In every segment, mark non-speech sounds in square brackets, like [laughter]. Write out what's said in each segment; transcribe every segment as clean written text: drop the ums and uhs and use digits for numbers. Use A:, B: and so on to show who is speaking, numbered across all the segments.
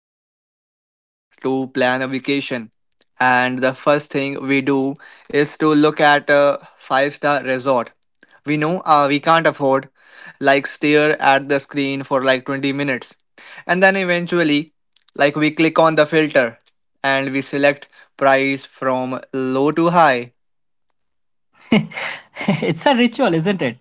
A: time we sit down to plan a vacation, and the first thing we do is to look at a five-star resort? We know we can't afford, like, stare at the screen for like 20 minutes. And then eventually, like, we click on the filter and we select price from low to high.
B: [laughs] It's a ritual, isn't it?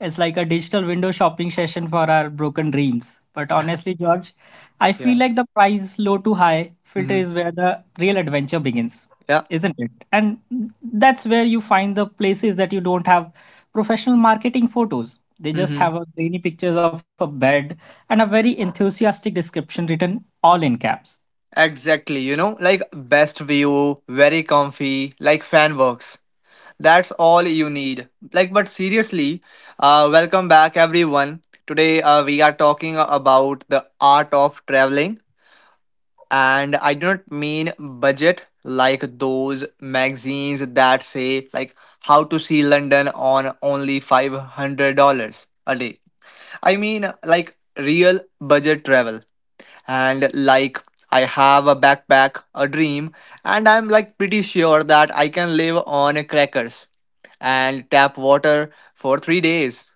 B: It's like a digital window shopping session for our broken dreams. But honestly, George, I feel
A: Yeah.
B: like the price low to high filter
A: Mm-hmm.
B: is where the real adventure begins,
A: Yeah.
B: isn't it? And that's where you find the places that you don't have professional marketing photos. They just
A: Mm-hmm.
B: have a grainy pictures of a bed and a very enthusiastic description written all in caps.
A: Exactly. You know, like best view, very comfy, like fan works. That's all you need. Like, but seriously, welcome back, everyone. Today, we are talking about the art of traveling, and I do not mean budget like those magazines that say like how to see London on only $500 a day. I mean like real budget travel and like I have a backpack, a dream, and I'm like pretty sure that I can live on crackers and tap water for 3 days.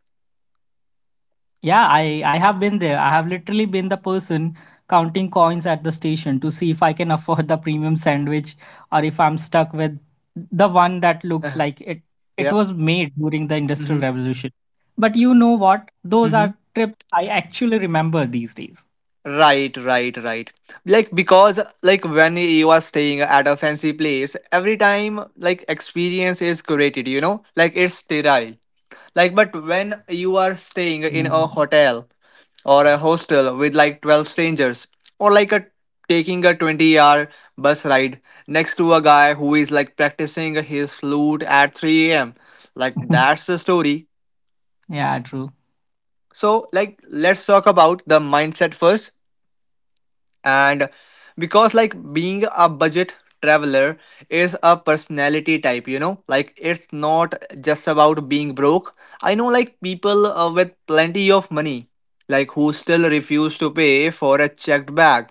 B: Yeah, I have been there. I have literally been the person counting coins at the station to see if I can [laughs] afford the premium sandwich or if I'm stuck with the one that looks
A: [laughs]
B: like it
A: Yeah.
B: was made during the Industrial
A: Mm-hmm.
B: Revolution. But you know what? Those
A: Mm-hmm.
B: are trips I actually remember these days.
A: Right, right, right. Like because like when you are staying at a fancy place, every time like experience is curated, you know? Like it's sterile. Like, but when you are staying in a
B: Mm.
A: hotel or a hostel with like 12 strangers, or like a taking a 20-hour bus ride next to a guy who is like practicing his flute at 3 a.m., like that's
B: [laughs]
A: the story.
B: Yeah, true.
A: So, like, let's talk about the mindset first and because like being a budget traveler is a personality type, you know? Like it's not just about being broke. I know like people with plenty of money like who still refuse to pay for a checked bag.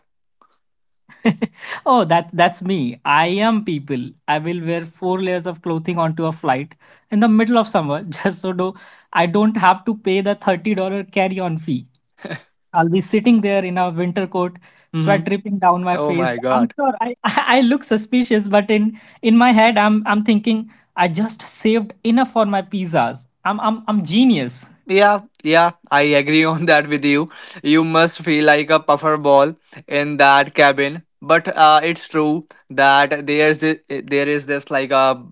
B: [laughs] Oh, that's me. I am people. I will wear four layers of clothing onto a flight in the middle of summer [laughs] just so do I don't have to pay the $30 carry-on fee. I'll be sitting there in a winter coat,
A: Hmm.
B: sweat dripping down my
A: Oh
B: face.
A: my
B: I'm
A: god.
B: sure I [laughs] I look suspicious, but in my head I'm thinking I just saved enough for my pizzas. I'm genius.
A: Yeah, yeah, I agree [laughs] on that with you. You must feel like a puffer ball in that cabin. But it's true that there is this like a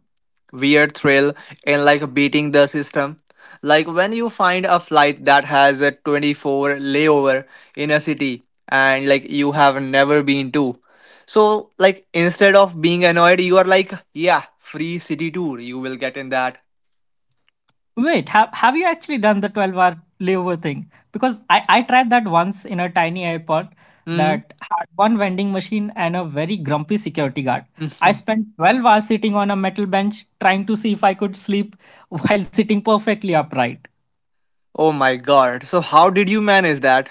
A: weird thrill in like beating the system. Like when you find a flight that has a 24 layover in a city and like you have never been to. So like instead of being annoyed, you are like, yeah, free city tour you will get in that.
B: Wait, have you actually done the 12-hour layover thing? Because I tried that once in a tiny airport
A: Hmm.
B: that had one vending machine and a very grumpy security guard. I
A: [laughs]
B: spent 12 hours sitting on a metal bench trying to see if I could sleep [laughs] while sitting perfectly upright.
A: Oh my god. So how did you manage that?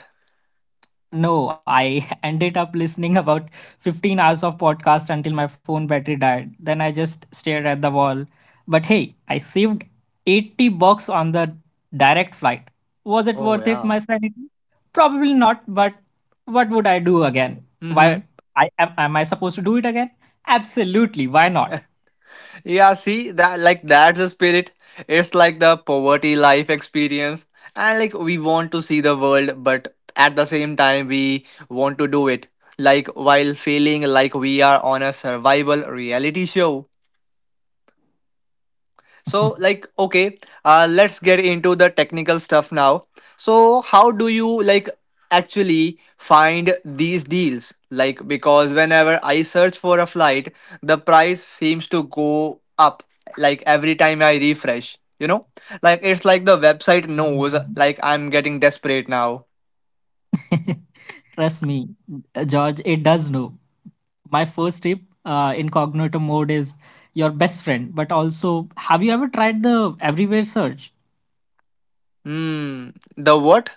B: No, I [laughs] ended up listening about 15 hours of podcast until my phone battery died. Then I just stared at the wall. But hey, I saved $80 on the direct flight. Was it
A: Oh,
B: worth it,
A: yeah.
B: my sanity? Probably not, but what would I do again?
A: Mm-hmm.
B: Why am I supposed to do it again? Absolutely, why not?
A: Yeah, see that like that's the spirit. It's like the poverty life experience. And like we want to see the world, but at the same time we want to do it. Like while feeling like we are on a survival reality show. So,
B: [laughs]
A: like, okay, let's get into the technical stuff now. So, how do you like actually find these deals? Like, because whenever I search for a flight, the price seems to go up like every time I refresh, you know? Like, it's like the website knows, like, I'm getting desperate now.
B: Trust me, George, it does know. My first tip incognito mode is your best friend. But also, have you ever tried the everywhere search?
A: Hmm, the what?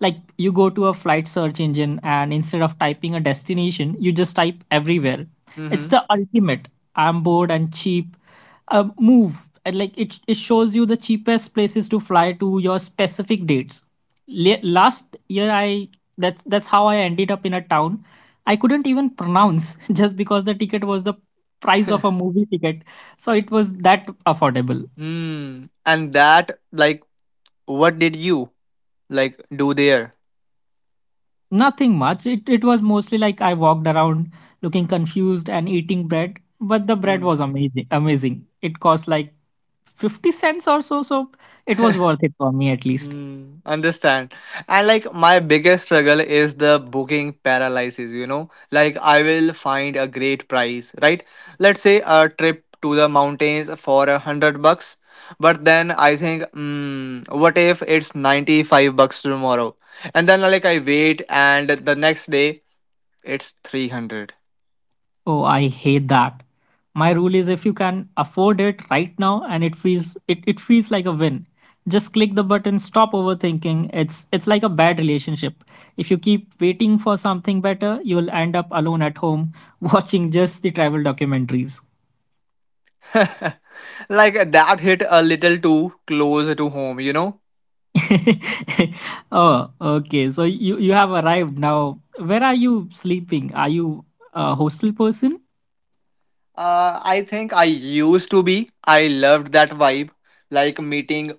B: Like, you go to a flight search engine, and instead of typing a destination you just type everywhere. It's
A: Mm-hmm.
B: the ultimate "I'm bored and cheap" move. And like it shows you the cheapest places to fly to your specific dates. Last year I, that's how I ended up in a town I couldn't even pronounce [laughs] just because the ticket was the price of a movie ticket. So it was that affordable.
A: Hmm. And that, like, what did you like do there?
B: Nothing much. It was mostly like I walked around looking confused and eating bread, but the bread
A: Hmm.
B: was amazing. Amazing. It cost like 50 cents or so, so it was worth it for me at least.
A: Mm, understand. And like my biggest struggle is the booking paralysis, you know? Like I will find a great price, right? Let's say a trip to the mountains for 100 bucks, but then I think, mm, what if it's 95 bucks tomorrow? And then like I wait and the next day it's 300.
B: Oh, I hate that. My rule is, if you can afford it right now and it feels like a win, just click the button, stop overthinking. It's like a bad relationship. If you keep waiting for something better, you'll end up alone at home [laughs] watching just the travel documentaries.
A: [laughs] Like that hit a little too close to home, you know?
B: [laughs] Oh, okay. So you have arrived now. Where are you sleeping? Are you a hostel person?
A: I think I used to be. I loved that vibe, like meeting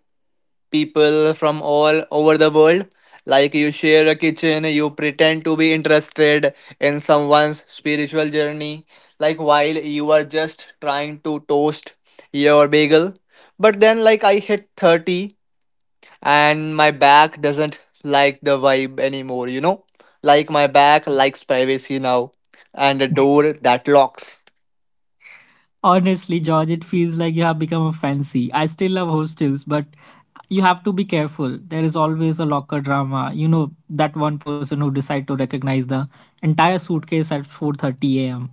A: people from all over the world. Like you share a kitchen, you pretend to be interested in someone's spiritual journey, like while you are just trying to toast your bagel. But then, like, I hit 30 and my back doesn't like the vibe anymore, you know? Like, my back likes privacy now and a door that locks.
B: Honestly, George, it feels like you have become a fancy. I still love hostels, but you have to be careful. There is always a locker drama. You know, that one person who decide to recognize the entire suitcase at 4:30 a.m.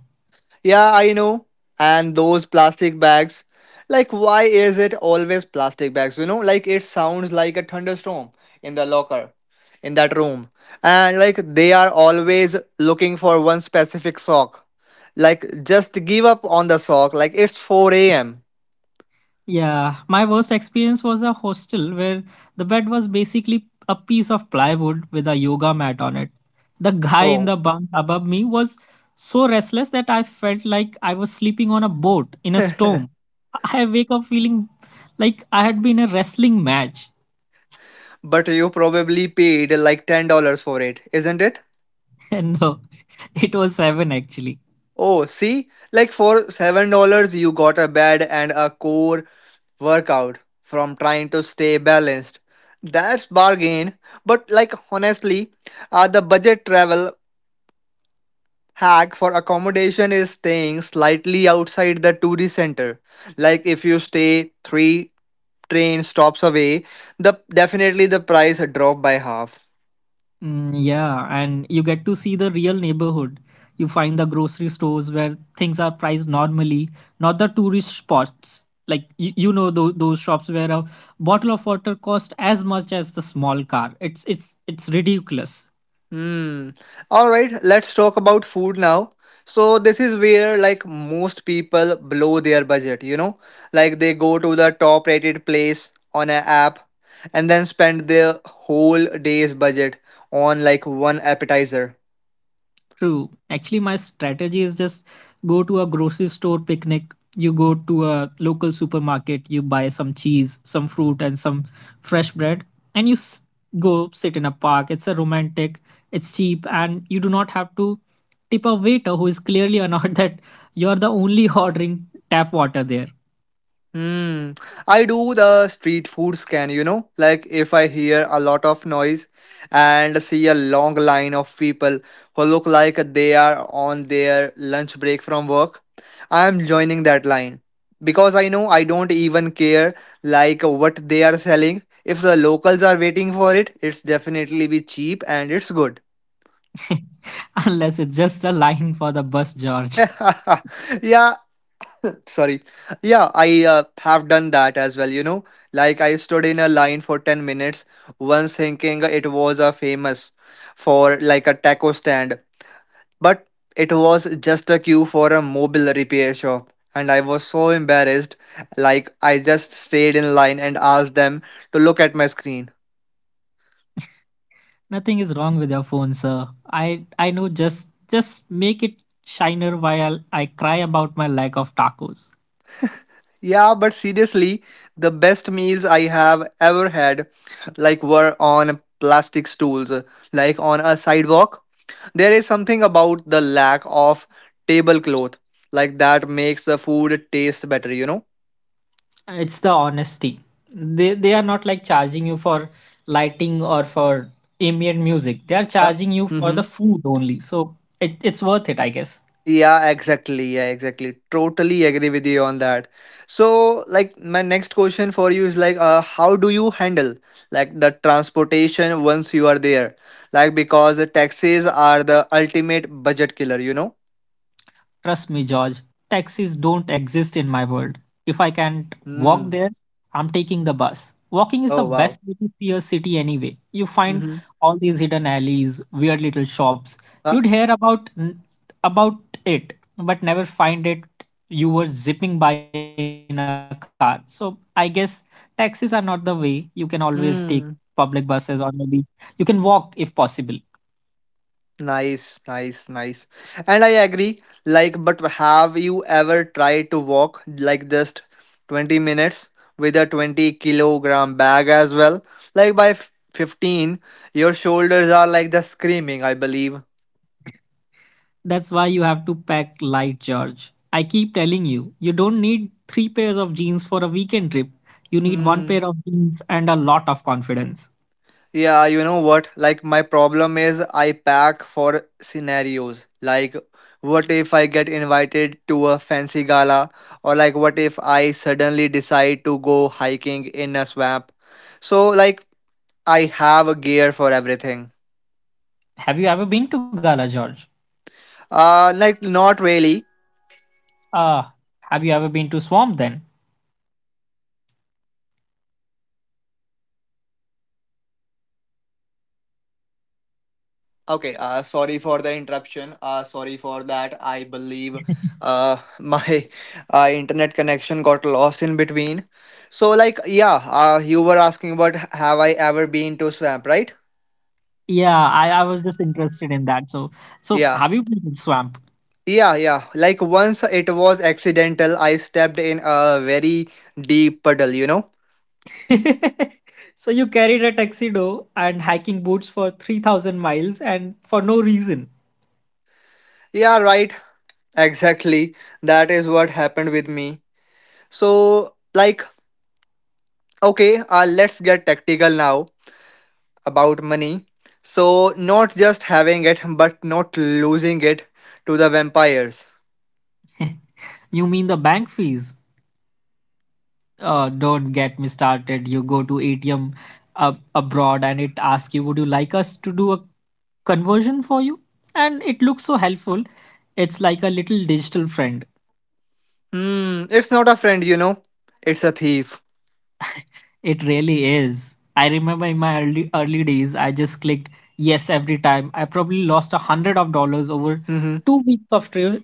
A: Yeah, I know. And those plastic bags. Like, why is it always plastic bags? You know, like it sounds like a thunderstorm in the locker, in that room. And like they are always looking for one specific sock. Like, just give up on the sock. Like, it's 4 a.m.
B: Yeah, my worst experience was a hostel where the bed was basically a piece of plywood with a yoga mat on it. The guy in
A: Oh.
B: the bunk above me was so restless that I felt like I was sleeping on a boat in a
A: [laughs] But
B: storm. I wake up feeling like I had been in a wrestling match,
A: you probably paid like $10 for it, isn't it?
B: [laughs] and no, it was seven actually.
A: Oh, see, like for $7, you got a bed and a core workout from trying to stay balanced. That's bargain. But like honestly, the budget travel hack for accommodation is staying slightly outside the tourist center. Like if you stay three train stops away, the definitely the price drop by half.
B: Mm, yeah, and you get to see the real neighborhood. You find the grocery stores where things are priced normally, not the tourist spots. Like you know those shops where a bottle of water costs as much as the small car. It's ridiculous.
A: Hmm. All right, let's talk about food now. So this is where like most people blow their budget, you know? Like they go to the top rated place on an app and then spend their whole day's budget on like one appetizer.
B: True. Actually, my strategy is just go to a grocery store picnic. You go to a local supermarket, you buy some cheese, some fruit, and some fresh bread, and go sit in a park. It's a romantic, it's cheap, and you do not have to tip a waiter who is clearly annoyed [laughs] that you're the only ordering tap water there.
A: Hmm. I do the street food scan, you know, like if I hear a lot of noise and see a long line of people who look like they are on their lunch break from work, I am joining that line because I know I don't even care like what they are selling. If the locals are waiting for it, it's definitely be cheap and it's good.
B: [laughs] Unless it's just a line for the bus, George.
A: [laughs] Yeah, sorry. Yeah, I have done that as well, you know. Like I stood in a line for 10 minutes once thinking it was a famous for like a taco stand, but it was just a queue for a mobile repair shop. And I was so embarrassed, like I just stayed in line and asked them to look at my screen.
B: Nothing is wrong with your phone, sir. I know, just make it shiner while I cry about my lack of tacos.
A: Yeah, but seriously, the best meals I have ever had like were on plastic stools, like on a sidewalk. There is something about the lack of tablecloth like that makes the food taste better, you know?
B: It's the honesty. They are not like charging you for lighting or for ambient music. They are
A: Yeah.
B: charging you for the
A: Mm-hmm.
B: food only. So it's worth it, I guess.
A: Yeah, exactly. Yeah, exactly. Totally agree with you on that. So, like, my next question for you is like, how do you handle like the transportation once you are there? Like, because the taxis are the ultimate budget killer, you know?
B: Trust me, George, taxis don't exist in my world. If I can't walk
A: Mm.
B: there, I'm taking the bus. Walking is the
A: Oh, wow.
B: best way to see a city anyway. You find
A: Mm-hmm.
B: all these hidden alleys, weird little shops.
A: Uh,
B: You'd hear about about it, but never find it. You were zipping by in a car. So I guess taxis are not the way. You can always take public buses or
A: mm.
B: maybe you can walk if possible.
A: Nice, nice, nice. And I agree. Like, but have you ever tried to walk like just 20 minutes with a 20 kilogram bag as well? Like by 15, your shoulders are like the screaming, I believe.
B: That's why you have to pack light, George. I keep telling you, you don't need three pairs of jeans for a weekend trip. You need one
A: Hmm.
B: pair of jeans and a lot of confidence.
A: Yeah, you know what? Like, my problem is I pack for scenarios. Like, what if I get invited to a fancy gala? Or, like, what if I suddenly decide to go hiking in a swamp? So, like, I have a gear for everything.
B: Have you ever been to Gala, George?
A: Like, not really.
B: Ah, have you ever been to Swamp then?
A: Okay, sorry for the interruption. Sorry for that. I believe [laughs] my internet connection got lost in between. So, like, yeah, you were asking about have I ever been to swamp, right?
B: Yeah, I was just interested in that. So
A: Yeah.
B: have you been to Swamp?
A: Yeah, yeah. Like once it was accidental, I stepped in a very deep puddle, you know?
B: [laughs] So you carried a tuxedo and hiking boots for 3,000 miles and for no reason.
A: Yeah, right. Exactly. That is what happened with me. So, like, okay, let's get tactical now about money. So, not just having it, but not losing it to the vampires.
B: [laughs] You mean the bank fees? Don't get me started. You go to ATM abroad and it asks you, would you like us to do a conversion for you? And it looks so helpful. It's like a little digital friend.
A: Hmm, it's not a friend, you know. It's a thief.
B: It really is. I remember in my early days, I just clicked yes every time. I probably lost 100 of dollars over
A: Mm-hmm.
B: 2 weeks of tri-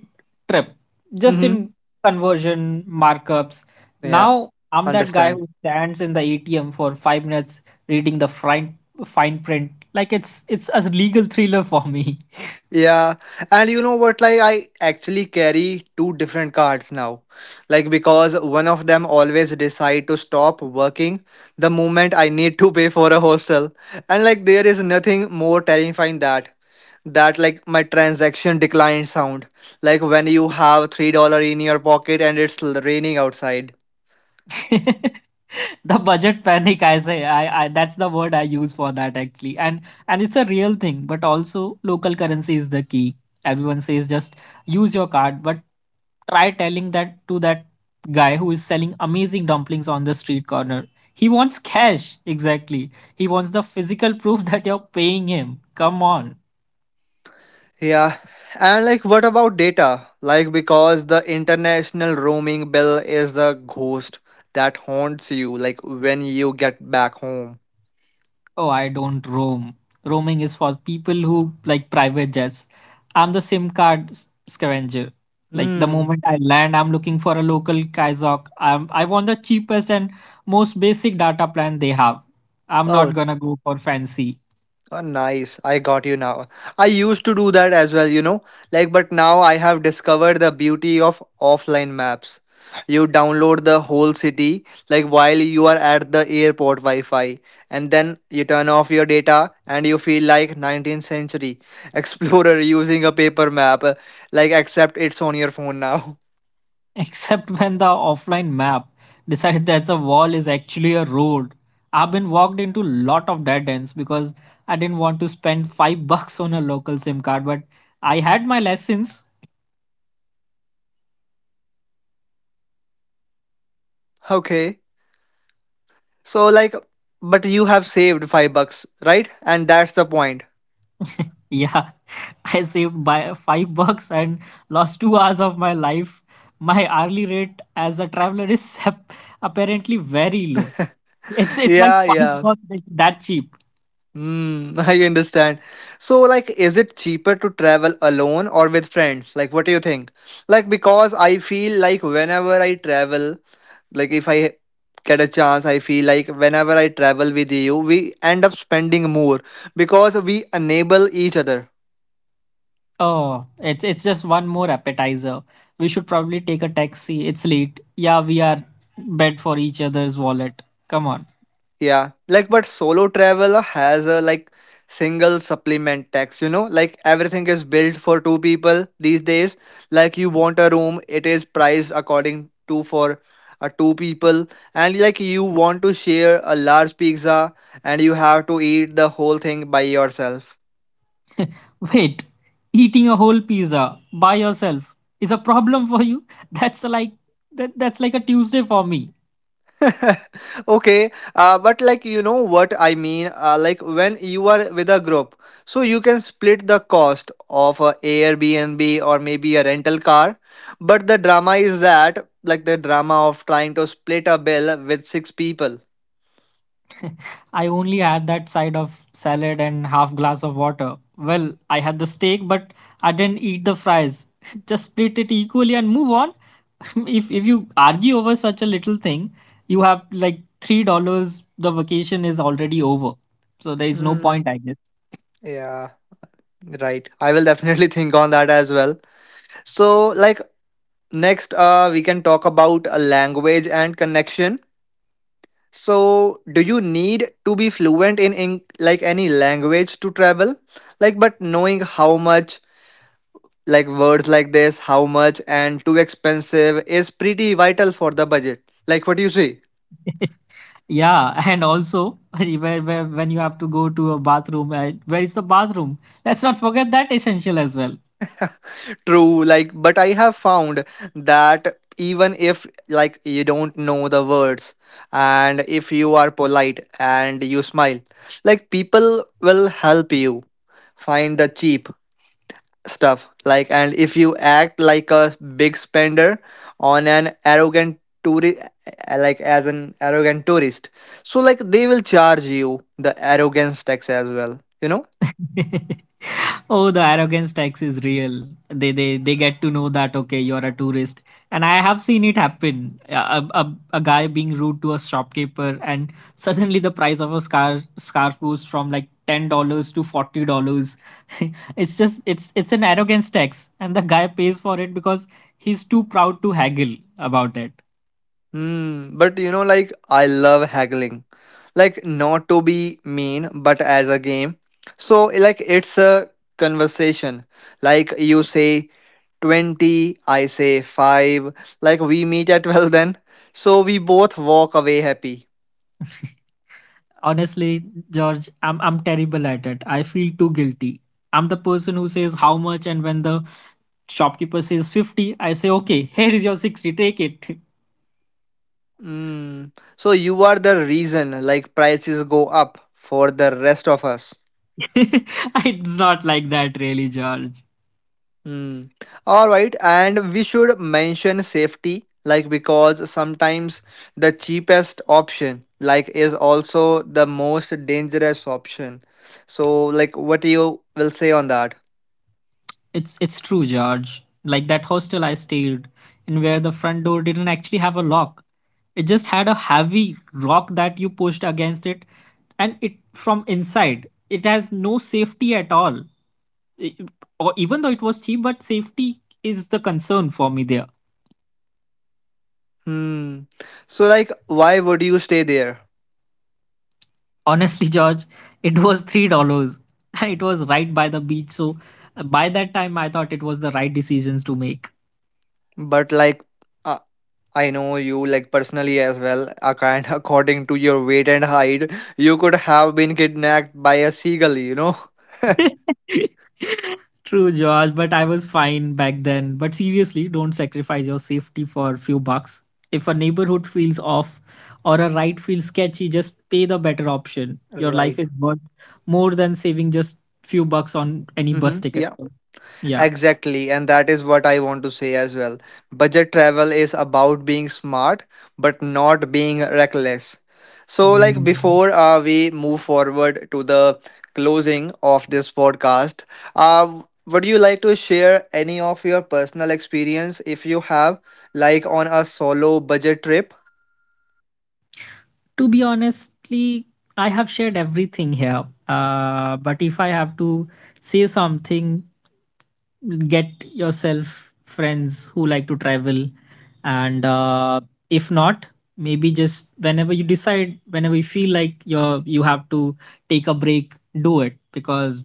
B: trip just
A: Mm-hmm.
B: in conversion markups.
A: Yeah,
B: Now I'm that guy
A: understand.
B: who stands in the ATM for 5 minutes reading the fine print like it's a legal thriller for me.
A: Yeah, and you know what? Like, I actually carry two different cards now. Like, because one of them always decide to stop working the moment I need to pay for a hostel. And like, there is nothing more terrifying that like my transaction decline sound, like when you have $3 in your pocket and it's raining outside.
B: [laughs] The budget panic, I say. I, that's the word I use for that actually. And it's a real thing. But also, local currency is the key. Everyone says just use your card, but try telling that to that guy who is selling amazing dumplings on the street corner. He wants cash. Exactly, he wants the physical proof [laughs] that you're paying him. Come on.
A: Yeah, and like what about data, like because the international roaming bill is a ghost that haunts you like when you get back home.
B: Oh, I don't roam. Roaming is for people who like private jets. I'm the SIM card scavenger. Like the
A: Hmm.
B: moment I land, I'm looking for a local Kaizok. I want the cheapest and most basic data plan they have. I'm
A: Oh,
B: not gonna go for fancy.
A: Oh, nice. I got you now. I used to do that as well, you know. Like, but now I have discovered the beauty of offline maps. You download the whole city, like while you are at the airport Wi Fi, and then you turn off your data and you feel like 19th century explorer [laughs] using a paper map, like, except it's on your phone now. [laughs]
B: [laughs] Except when the offline map decides that the wall is actually a road. I've been walked into lot of dead ends because I didn't want to spend five [laughs] bucks on a local SIM card, but I had my lessons.
A: Okay. So, like, but you have saved 5 bucks, right? And that's the point.
B: Yeah, [laughs] I saved by $5 and lost 2 hours of my life. My hourly rate as a traveler is [laughs] apparently very low. It's
A: [laughs]
B: it's like
A: Yeah,
B: five
A: yeah.
B: bucks that cheap.
A: Hmm, [laughs] I understand. So, like, is it cheaper to travel alone or with friends? Like, what do you think? Like, because I feel like whenever I travel, like, if I get a chance, I feel like whenever I travel with you, we end up spending more because we enable each other.
B: Oh, it's just one more appetizer. We should probably take a taxi. It's late. Yeah, we are bad for each other's wallet. Come on.
A: Yeah, like but solo travel has a like single supplement tax, you know, like everything is built for two people these days. Like you want a room, it is priced according to for two people, and like you want to share a large pizza and you have to eat the whole thing by yourself.
B: Wait, eating a whole pizza by yourself is a problem for you? [laughs] That's like that's like a Tuesday for me.
A: [laughs] Okay. But like you know what I mean, like when you are with a group, so you can split the cost of a Airbnb or maybe a rental car. But the drama is that, like, the drama of trying to split a bill with six people
B: [laughs] I only had that side of salad and half glass of water. Well, I had the steak, but I didn't eat the fries. [laughs] Just split it equally and move on. [laughs] If you argue over such a little thing, you have like $3. The vacation is already over, so there is no point,
A: mm,
B: I guess.
A: yeah, right, I will definitely [laughs] think on that as well. So, like, next, we can talk about a language and connection. So, do you need to be fluent in, like any language to travel? Like, but knowing how much, like words like this, how much and too expensive is pretty vital for the budget. Like, what do you say?
B: Yeah, and also [laughs] where when you have to go to a bathroom, where is the bathroom? Let's not forget that essential as well.
A: True. Like, but I have found that even if, like, you don't know the words, and if you are polite and you smile, like people will help you find the cheap stuff. Like, and if you act like a big spender, on an arrogant tourist, like as an arrogant tourist, so like they will charge you the arrogance tax as well, you know.
B: [laughs] Oh, the arrogance tax is real. They get to know that, okay, you're a tourist, and I have seen it happen. A guy being rude to a shopkeeper, and [laughs] suddenly the price of a scarf goes from like $10 to $40. [laughs] It's just it's an arrogance tax, and the guy pays for it because he's too proud to haggle about it.
A: Hmm. But you know, like, I love haggling, like not to be mean but as a game. So like it's a conversation. Like you say 20, I say 5, like we meet at [laughs] 12 then, so we both walk away happy.
B: [laughs] Honestly, George, I'm terrible at it. I feel too guilty. I'm the person who says, how much, and when the shopkeeper says 50, I say, okay, here is your 60, take it.
A: Mm. So you are the reason like prices go up for the rest of us.
B: [laughs] It's not like that really, George.
A: Mm. All right, and we should mention safety, like, because sometimes the cheapest option, like, is also the most dangerous option. So like what you will say on that?
B: It's true, George. Like that hostel I stayed in, where the front door didn't actually have a lock, it just had a heavy rock that you pushed against it, and it from inside it has no safety at all. I- or, even though it was cheap, but safety is the concern for me there.
A: Hmm. So like why would you stay there?
B: Honestly, George, it was $3. [laughs] It was right by the beach, so by that time I thought it was the right decisions to make.
A: But like, uh, I know you, like, personally as well. And [laughs] according to your weight and height, you could have been kidnapped by a seagull, you know?
B: [laughs] True, George, but I was fine back then. But seriously, don't sacrifice your safety for a few bucks. If a neighborhood feels off or a ride feels sketchy, just pay the better option. Your life
A: Right.
B: is worth more than saving just few bucks on any
A: Mm-hmm.
B: bus ticket.
A: Yeah.
B: So, yeah.
A: Exactly, and that is what I want to say as well. Budget travel is about being smart but not being reckless. So, like,
B: Mm.
A: before we move forward to the closing of this podcast, uh, would you like to share any of your personal experience if you have, like on a solo budget trip?
B: To be honestly, I have shared everything here. But if I have to say something, get yourself friends who like to travel, and if not, maybe just whenever you decide, whenever you feel like you have to take a break, do it, because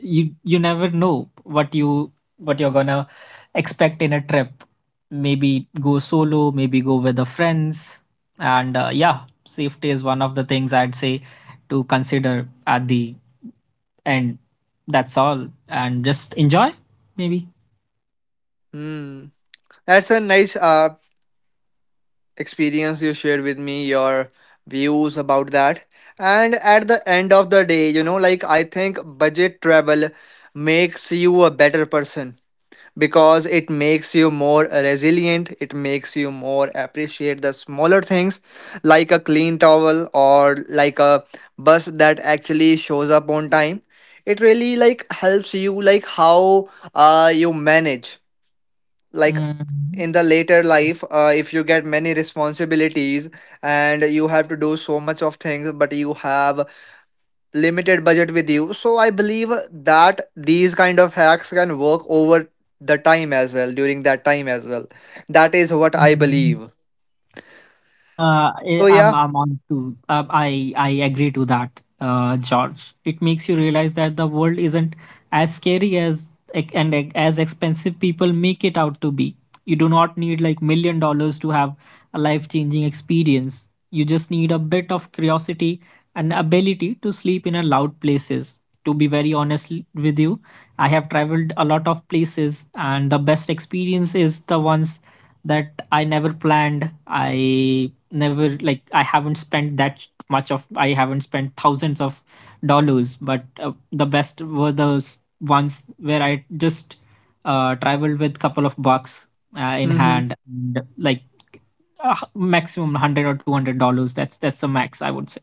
B: you never know what you're gonna expect in a trip. Maybe go solo, maybe go with the friends. And yeah, safety is one of the things I'd say to consider at the end. That's all. And just enjoy, maybe.
A: Hmm. That's a nice experience you shared with me, your views about that. And at the end of the day, you know, like, I think budget travel makes you a better person, because it makes you more resilient, it makes you more appreciate the smaller things, like a clean towel or like a bus that actually shows up on time. It really, like, helps you, like, how you manage like
B: Mm.
A: in the later life, if you get many responsibilities and you have to do so much of things but you have limited budget with you. So I believe that these kind of hacks can work over the time as well, during that time as well. That is what I believe.
B: Uh, I-
A: So
B: I'm
A: yeah.
B: I'm on to I agree to that, George. It makes you realize that the world isn't as scary as ec- and ec- as expensive people make it out to be. You do not need like million dollars to have a life-changing experience. You just need a bit of curiosity and ability to sleep in a loud places. To be very honest with you, I have traveled a lot of places, and the best experience is the ones that I never planned. I never like, I haven't spent that much of, I haven't spent thousands of dollars, but the best were those ones where I just traveled with couple of bucks in
A: Mm-hmm,
B: hand, and like, maximum 100 or $200. That's the max I would say.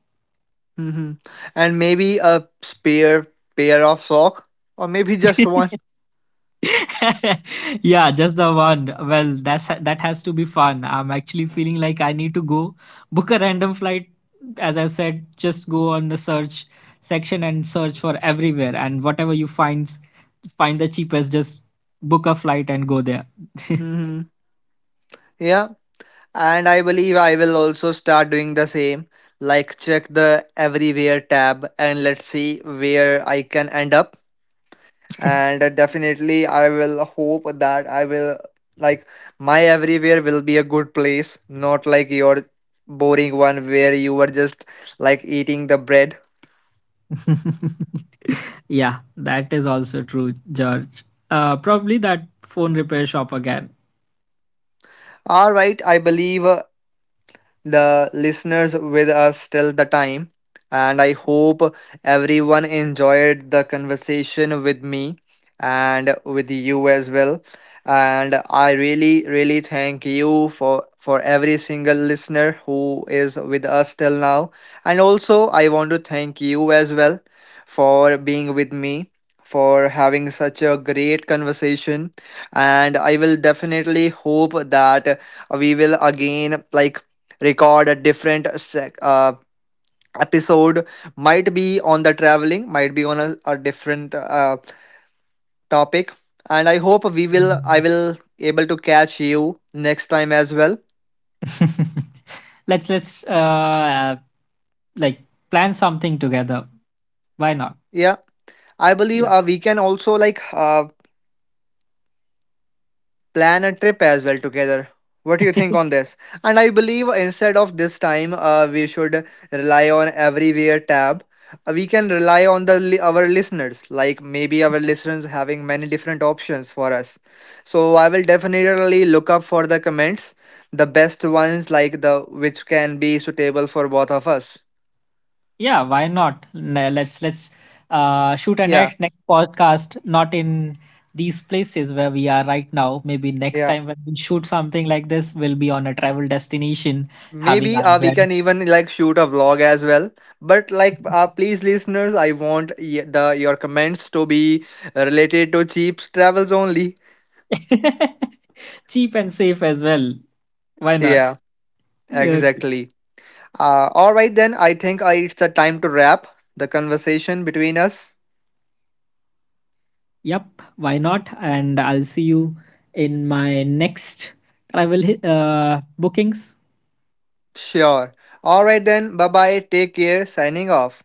A: mm-hmm. And maybe a spare pair of sock, or maybe just one.
B: [laughs] [laughs] Yeah, just the one. Well, that has to be fun. I'm actually feeling like I need to go book a random flight. As I said, just go on the search section and search for everywhere, and whatever you find, find the cheapest, just book a flight and go there.
A: Mm-hmm. Yeah, and I believe I will also start doing the same. Like check the everywhere tab and let's see where I can end up.
B: [laughs]
A: And definitely I will hope that I will, like, my everywhere will be a good place, not like your boring one where you were just like eating the bread.
B: Yeah, that is also true, George. Probably that phone repair shop again.
A: All right, I believe, the listeners with us till the time. And I hope everyone enjoyed the conversation with me and with you as well. And I really, really thank you for every single listener who is with us till now. And also, I want to thank you as well for being with me, for having such a great conversation. And I will definitely hope that we will again, like, record a different episode, might be on the traveling, might be on a different topic. And I hope we will, I will able to catch you next time as well.
B: [laughs] Let's like plan something together. Why not?
A: Yeah, I believe,
B: Yeah.
A: we can also like, plan a trip as well together. What do you think
B: [laughs]
A: on this? And I believe instead of this time, we should rely on everywhere tab. We can rely on the our listeners, like maybe our listeners having many different options for us. So I will definitely look up for the comments, the best ones, like the which can be suitable for both of us.
B: Yeah, why not? Let's shoot a
A: Yeah,
B: next podcast, not in these places where we are right now. Maybe next
A: yeah.
B: time when we shoot something like this, we'll be on a travel destination having
A: Maybe
B: our
A: we
B: bread.
A: can even like shoot a vlog as well. But like, please, listeners, I want the your comments to be related to cheap travels only.
B: [laughs] Cheap and safe as well. Why not?
A: Yeah,
B: Yeah.
A: exactly. All right then. I think it's the time to wrap the conversation between us.
B: Yep, why not? And I'll see you in my next travel bookings.
A: Sure. All right then. Bye bye. Take care. Signing off.